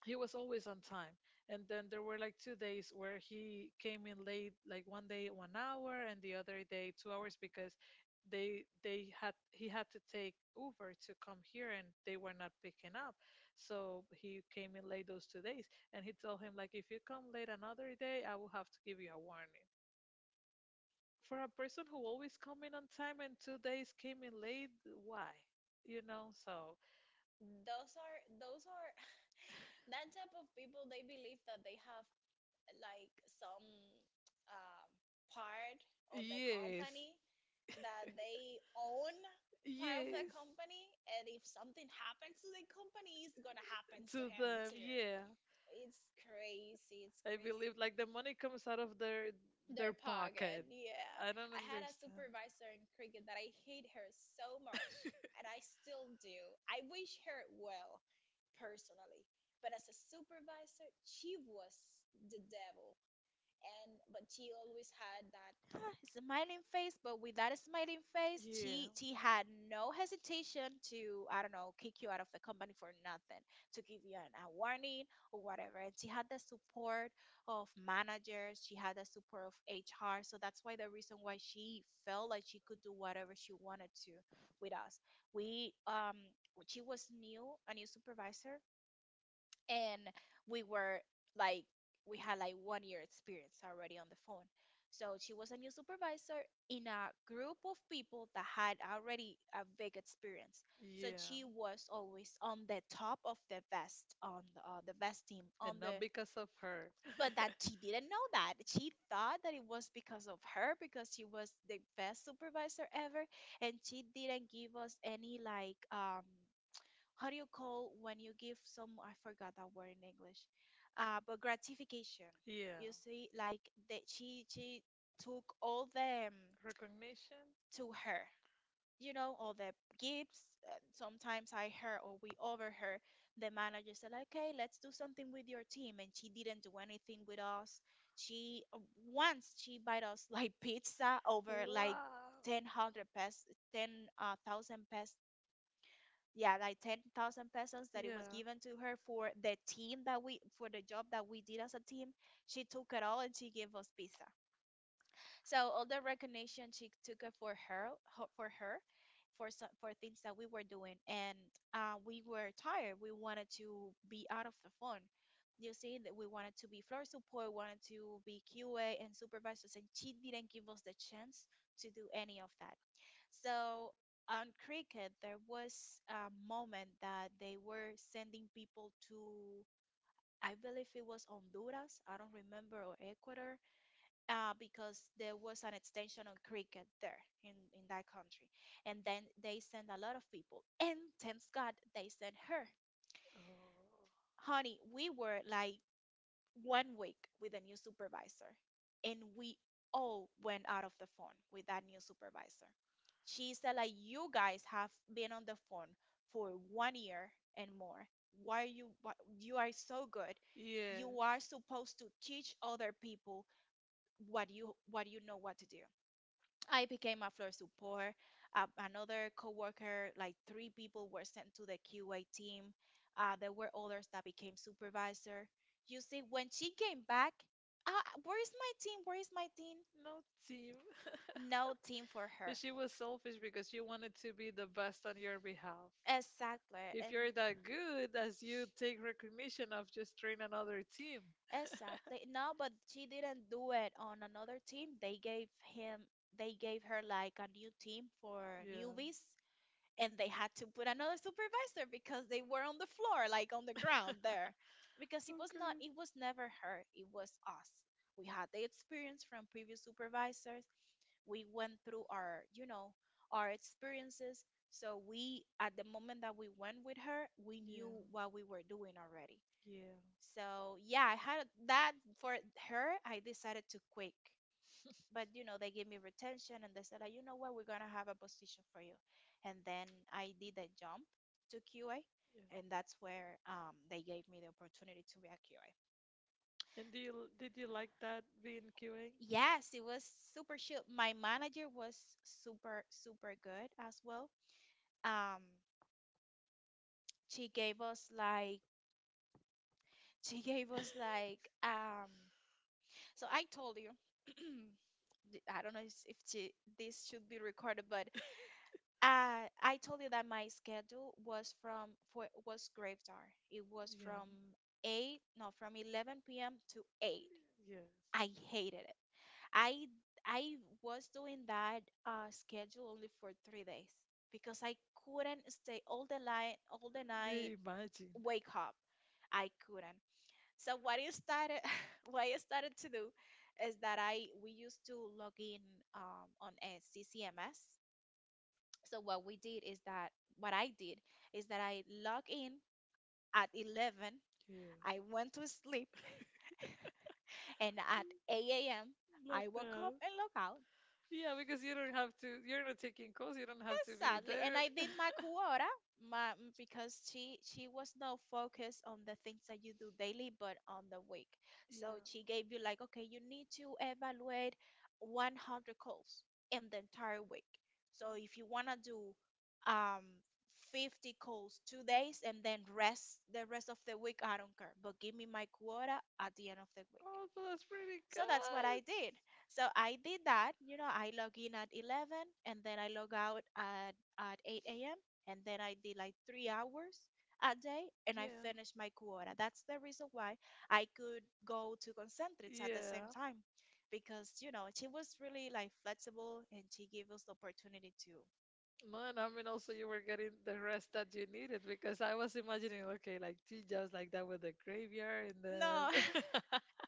[SPEAKER 2] he was always on time, and then there were like 2 days where he came in late, like 1 day 1 hour and the other day 2 hours, because they had he had to take Uber to come here and they were not picking up, so he came in late those 2 days, and he told him like if you come late another day I will have to give you a warning. For a person who always come in on time and 2 days came in late, why? You know, so yes. Yes. To them, yeah. I believe like the money comes out of their pocket. I don't understand. Yeah. Yeah. And not because of her. Yeah. Recognition? Wow. Yeah. Oh. Yes. No team. But she was selfish because she wanted to be the best on your behalf. If you're that good, as you take recognition of, just train another team. Yeah. Okay. Yeah. Yeah. Yeah. And do you did you like that being QA? Yeah. Yes. Yeah, imagine. Yeah. Like that. Yeah, because you don't have to, you're not taking calls, you don't have to be there. Yeah. Oh, so that's pretty
[SPEAKER 1] So that's what I
[SPEAKER 2] good.
[SPEAKER 1] did. So I did that. You know, I log in at 11 and then I log out at 8 a.m. And then I did like 3 hours a day and I
[SPEAKER 2] Yeah.
[SPEAKER 1] finished my quota. That's the reason why I could go to concentrates at the same
[SPEAKER 2] Yeah.
[SPEAKER 1] time because, you know, she was really like flexible and she gave us the opportunity to,
[SPEAKER 2] Man, I mean, also you were getting the rest that you needed because I was imagining, okay, like she just like that with the graveyard and then.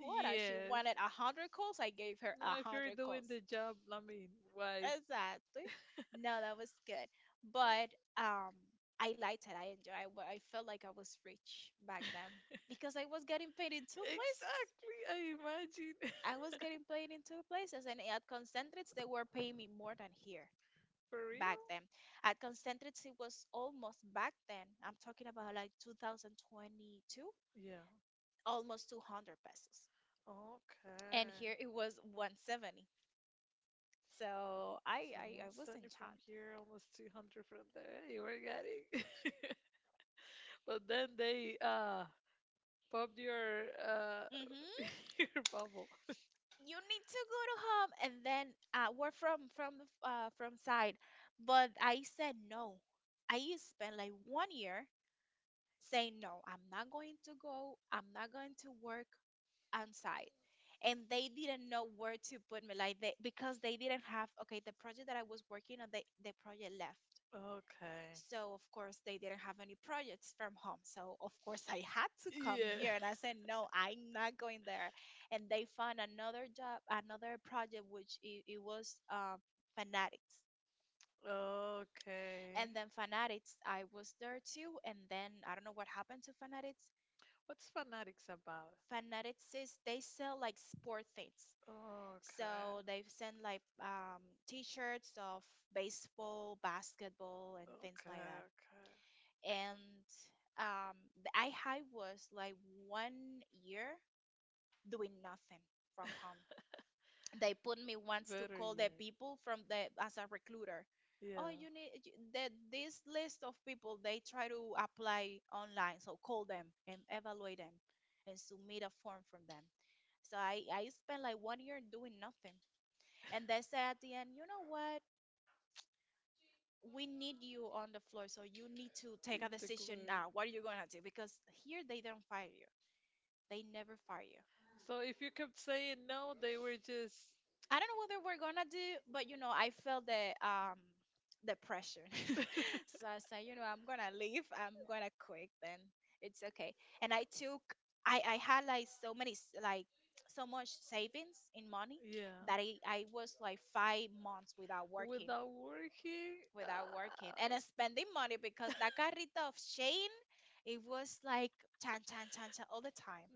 [SPEAKER 2] Yes. No, if you're doing the job, I mean, why? Exactly, I imagine. For real? Yeah. Okay. So 170 from here, almost 200 from there. You were getting. But then they popped your your bubble. Okay. Yeah. Okay. What's Fanatics about? Okay. Okay, okay. Better yet. Yeah. Eat. So if you kept saying no, were just. without working. Ah,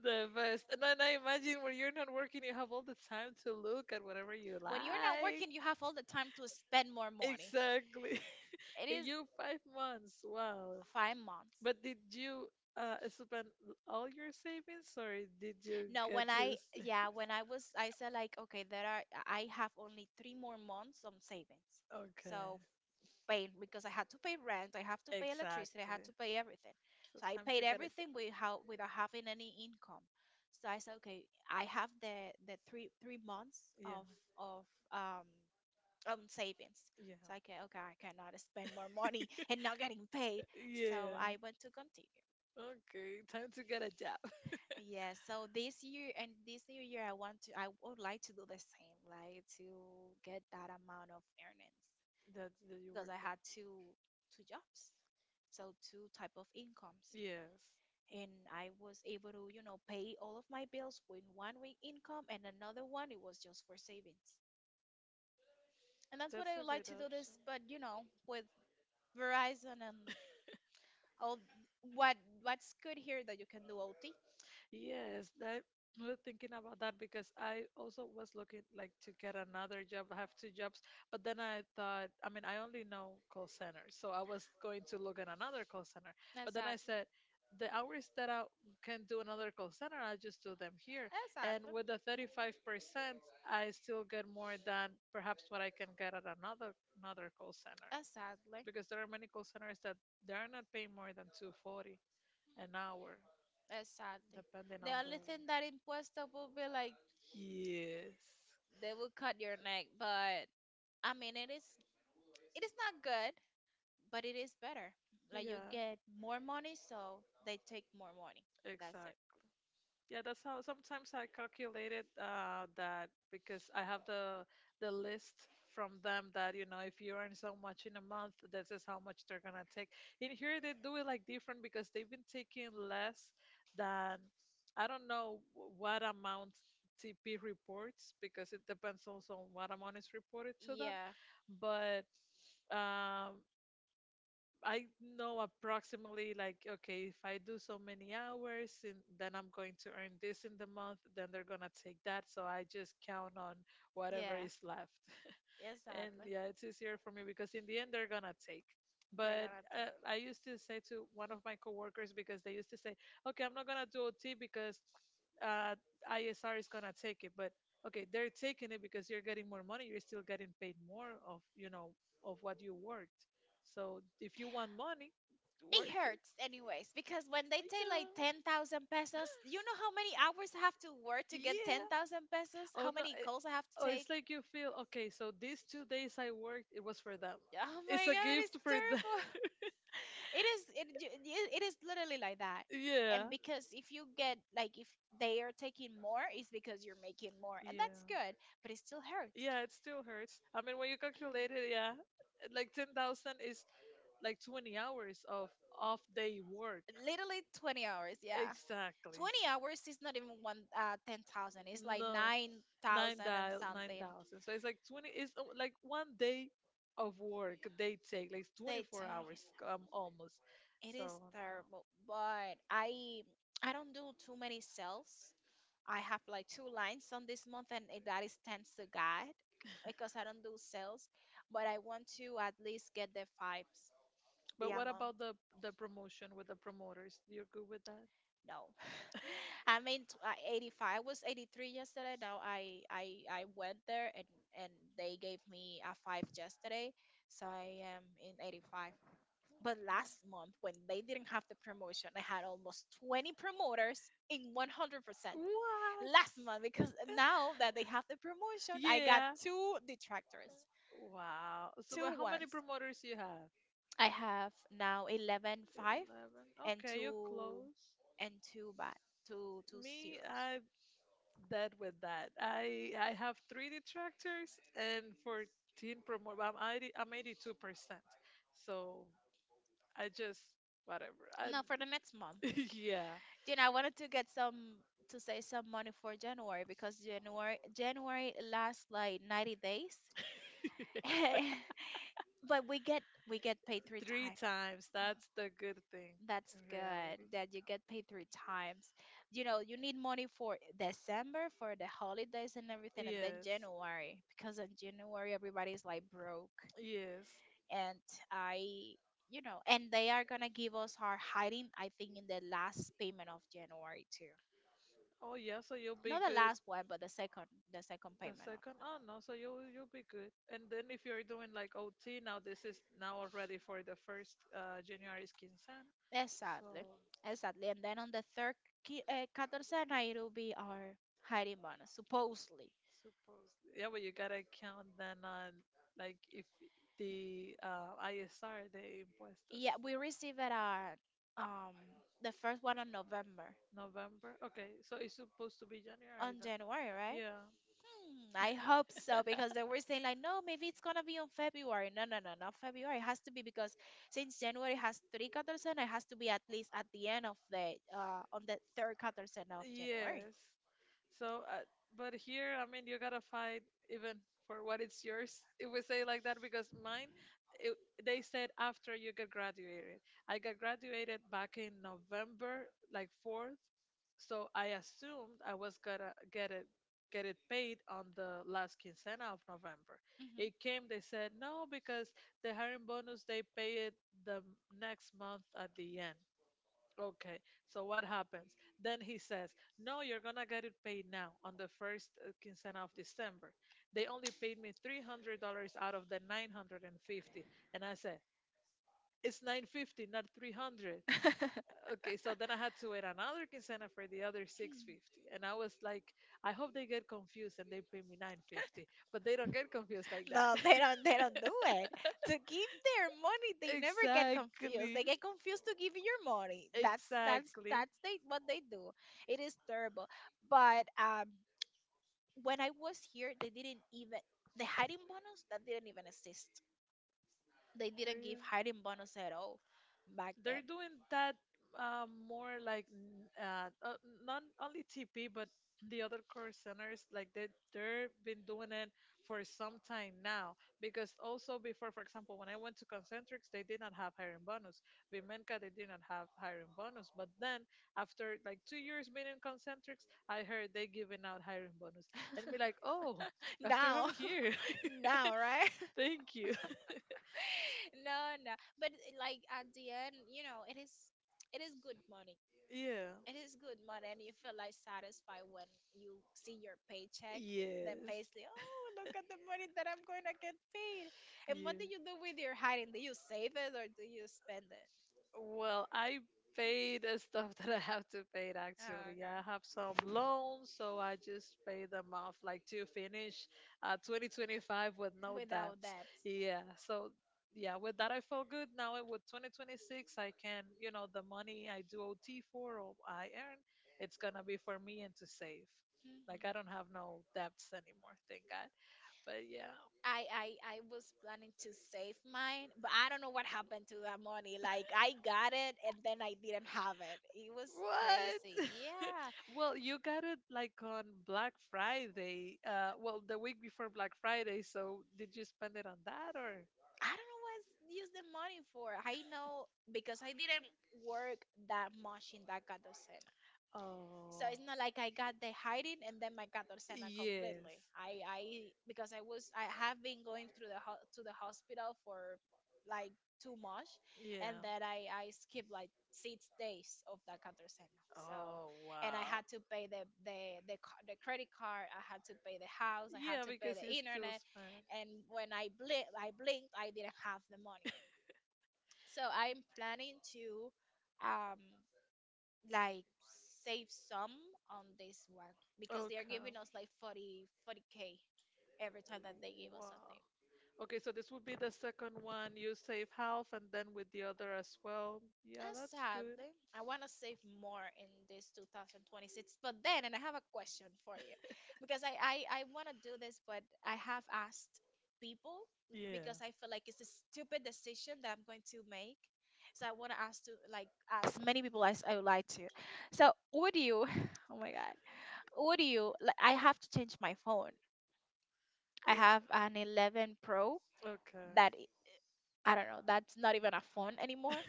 [SPEAKER 2] the best. And then I imagine when you're not working, you have all the time to look at whatever you like. Exactly. And you, 5 months. Wow. But did you spend all your savings, or did you get to? Okay. Exactly. So time to get a job. Yeah. Yeah. Yeah. Okay. Time to get a job. That you work at. Yes. That's a good option. Yes, that I was thinking about that because I also was looking like to get another job. I have two jobs, but then I thought, I mean, I only know call centers, so I was going to look at another call center. But then I said, the hours that I can do another call center, I just do them here. And with the 35%, I still get more than perhaps what I can get at another call center because there are many call centers that they are not paying more than 240 an hour depending on the yes, yeah. Exactly. Yeah, that's how sometimes I calculated that because I have the list from them that, if you earn so much in a month, this is how much they're gonna take. In here they do it like different because they've been taking less than I don't know what amount TP reports because it depends also on what amount is reported to them, but um I know approximately like okay if I do so many hours and then I'm going to earn this in the month then they're gonna take that, so I just count on whatever is left. And yeah, it's easier for me because in the end they're gonna take. But I used to say to one of my coworkers because they used to say, "Okay, I'm not gonna do OT because uh, ISR is gonna take it." But okay, they're taking it because you're getting more money. You're still getting paid more of what you worked. So if you want money, work it. Yeah. Yeah. Oh no! Oh, it's like you feel okay. So these 2 days I worked, it was for them. It's a gift for them. Yeah. Yeah. Yeah, it still hurts. I mean, when you calculate it, yeah, like 10,000 is like 20 hours of off day work. Exactly. No, 9,000, 9,000. So it's like 20. It's like 1 day of work they take, like 24 hours, almost. So, but what about the promotion with the promoters? You're good with that? What? Yeah. Wow. So, but how many promoters you have? 11. Okay, you close. Me, I'm dead with that. I have three detractors and 14 promote. I'm 80, I'm 82%. So I just whatever. I yeah. Yes. Three times. That's the good thing in reality. Yes. Yes. Oh yeah, so you'll be good. The second, oh no, so you'll be good. And then if you're doing like OT now, this is now already for the first January's quincena. So, suppose yeah, but you gotta count then on like if the ISR, the impuestos, November. Okay, so it's supposed to be January then. Yeah. Yes. So, but here, I mean, you gotta fight even for what it's yours. If we say like that, because mine, it, they said after you get graduated. I got graduated back in November, like fourth. So I assumed I was gonna get it paid on the last quincena of November. It came, they said no because the hiring bonus, they pay it the next month at the end. Okay, so what happens? Then he says, "No, you're gonna get it paid now on the first quinzena of December." They only paid me $300 out of the 950. And 50. And I said, "It's 950, not 300." Okay, so then I had to wait another quinzena for the other 650. And I was like, I hope they get confused and they pay me 950. But they don't get confused like that. Exactly, exactly. They're, they're doing that, more like, not only TP but the other core centers like they've been doing it for some time now because also before, for example, when I went to Concentrics they did not have hiring bonus. Bimenka, they did not have hiring bonus, but then after like 2 years being in Concentrics I heard they giving out hiring bonus and be like oh, after I'm here. Thank you. Yeah. Yes. Yeah. Well, I pay the stuff that I have to pay actually. I have some loans, so I just pay them off like to finish 2025 with no debts. Yeah. So yeah, with that I feel good. Now, with 2026 I can, you know, the money I do OT for or I earn, it's gonna be for me and to save. Like, I don't have no debts anymore, thank God. But yeah. What? Well, you got it like on Black Friday. Well, the week before Black Friday. So did you spend it on that or? Oh. Yes. Yeah. Oh wow. Yeah, because you still spend. Okay. Wow. Okay, so this would be the second one. You save half and then with the other as well. Yeah, that's good. Yeah. Yeah. Okay.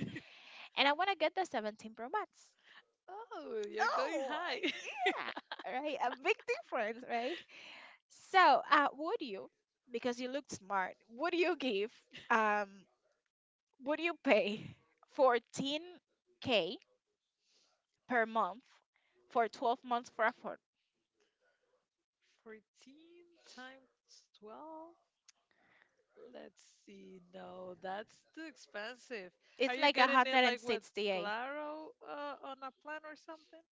[SPEAKER 2] Oh, you're going high. 14 times 12? Let's see. No, that's too expensive. Are you getting it like with Claro on a plan or something?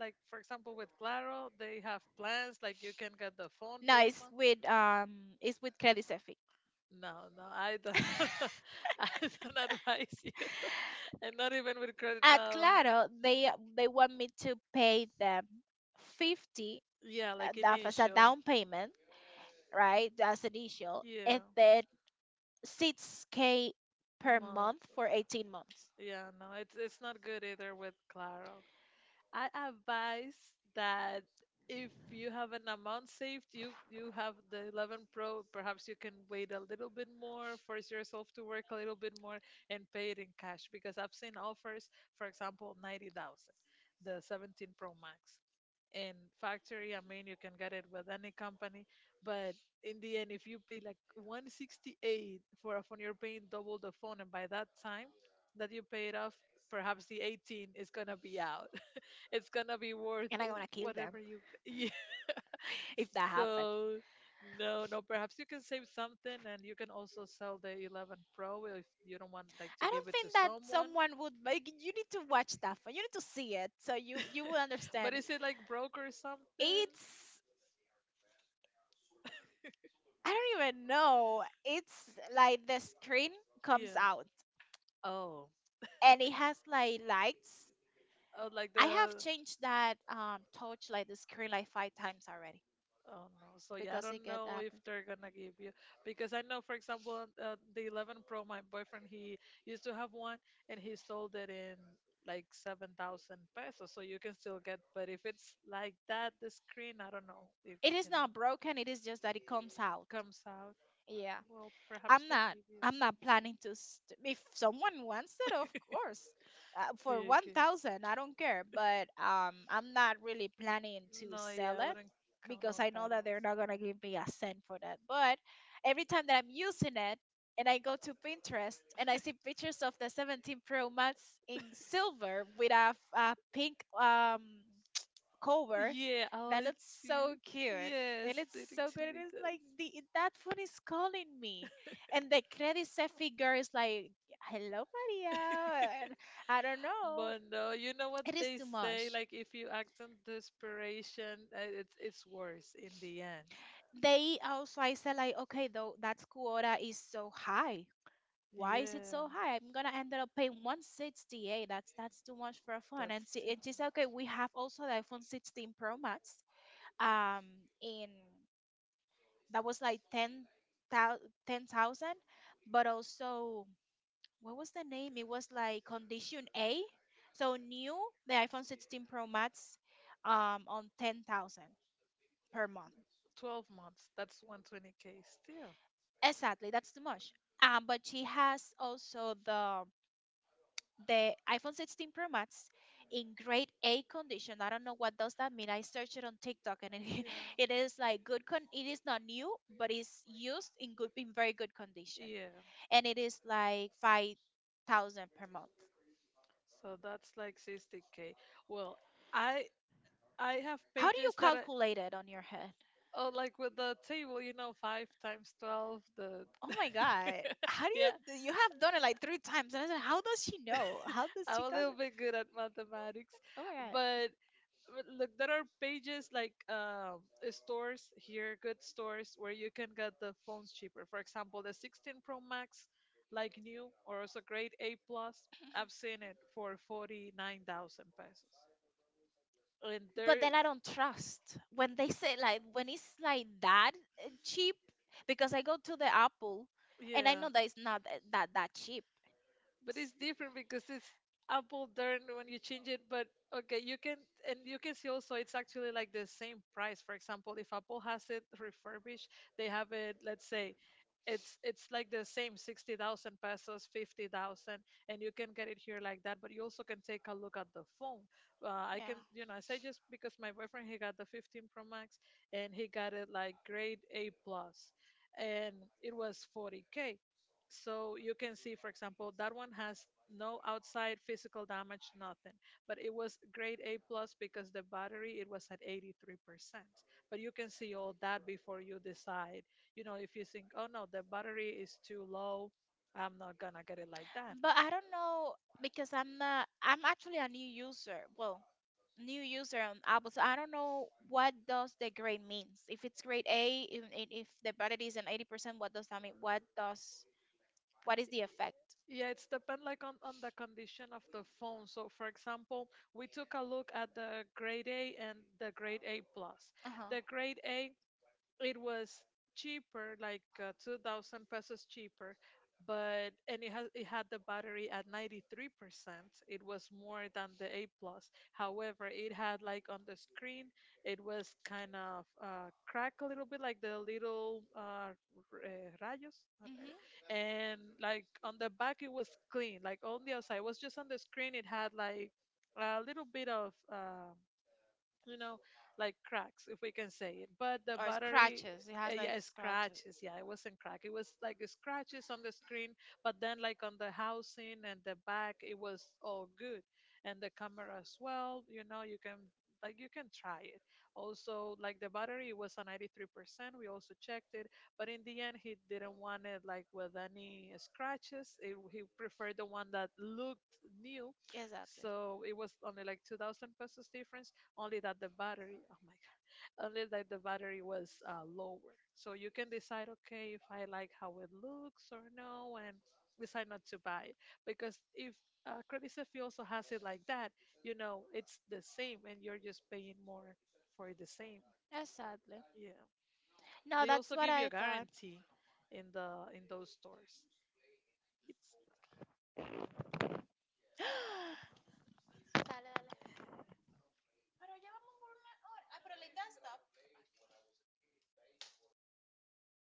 [SPEAKER 2] Like, for example, with Claro, they have plans like you can get the phone payment. No, no, I don't. I don't advise you. And not even with credit now. Yeah, like initial. Yeah, month. Yeah, no, it's not good either with Claro. I advise that if you have an amount saved, you have the 11 Pro, perhaps you can wait a little bit more, force yourself to work a little bit more and pay it in cash because I've seen offers, for example, 90,000, the 17 Pro Max, in factory. I mean, you can get it with any company, but in the end, if you pay like 168 for a phone, you're paying double the phone, and by that time that you pay it off, perhaps the 18 is gonna be out. It's gonna be worth whatever you pay. So no, no. Perhaps you can save something, and you can also sell the 11 Pro if you don't want like to give it to someone. But is it like broke or something? Yeah. Oh. Oh, like the. Oh no. So yeah, I don't know if they're gonna give you because I know, for example, the 11 Pro, my boyfriend, he used to have one and he sold it in like 7,000 pesos. So you can still get, but if it's like that, the screen, I don't know if comes out. Well, perhaps they give you. Take it. No, yeah, I wouldn't count on that also. Yeah, oh, it's weird. Yes, it actually does. But no, you know what they say, like if you act on desperation, it's worse in the end. Yeah. That's still 12 months. That's 120k still. Yeah. Yeah. So that's like 60k. Well, I I have pages that I, oh, like with the table, you know, 5 times 12 the. Yeah, I'm a little bit good at mathematics, but look, there are pages like, stores here, good stores where you can get the phones cheaper, for example the 16 pro max like new or also grade A plus. I've seen it for 49,000 pesos. And there, yeah, but it's different because it's Apple, darn, when you change it. But okay, you can. And you can see also it's actually like the same price. For example, if Apple has it refurbished, they have it, let's say, it's like the same 60,000 pesos, 50,000, and you can get it here like that. But you also can take a look at the phone. I can, I say, just because my boyfriend, he got the 15 Pro Max and he got it like grade A plus, and it was 40k. So you can see, for example, that one has no outside physical damage, nothing. But it was grade A plus because the battery, it was at 83%. But you can see all that before you decide. You know, if you think, oh no, the battery is too low, I'm not gonna get it like that. Yeah, it's depend like on the condition of the phone. So, for example, we took a look at the grade A and the grade A plus. The grade A, it was cheaper like 2000 pesos cheaper, but, and it had the battery at 93%. It was more than the A plus. However, it had like on the screen, it was kind of crack a little bit, like the little rayos, and like on the back it was clean, like on the outside it was just on the screen it had like a little bit of, you know, like cracks, if we can say it. But the
[SPEAKER 1] or
[SPEAKER 2] battery,
[SPEAKER 1] scratches. It has
[SPEAKER 2] yeah,
[SPEAKER 1] like scratches.
[SPEAKER 2] scratches. Yeah, it wasn't crack. It was like scratches on the screen, but then like on the housing and the back, it was all good, and the camera as well. You know, you can, like, you can try it. Also, like, the battery was a 93%. We also checked it, but in the end, he didn't want it like with any scratches. It, he preferred the one that looked new.
[SPEAKER 1] Exactly.
[SPEAKER 2] So it was only like 2000 pesos difference, only that the battery, oh my god, only that the battery was lower. So you can decide, okay, if I like how it looks or no, and decide not to buy it. Because if credit safety also has it like that, you know it's the same and you're just paying more for the same.
[SPEAKER 1] Exactly.
[SPEAKER 2] Yeah,
[SPEAKER 1] No,
[SPEAKER 2] they
[SPEAKER 1] that's
[SPEAKER 2] also
[SPEAKER 1] what
[SPEAKER 2] give you
[SPEAKER 1] I
[SPEAKER 2] a
[SPEAKER 1] thought.
[SPEAKER 2] guarantee in the in those stores. It's
[SPEAKER 1] Dale, dale.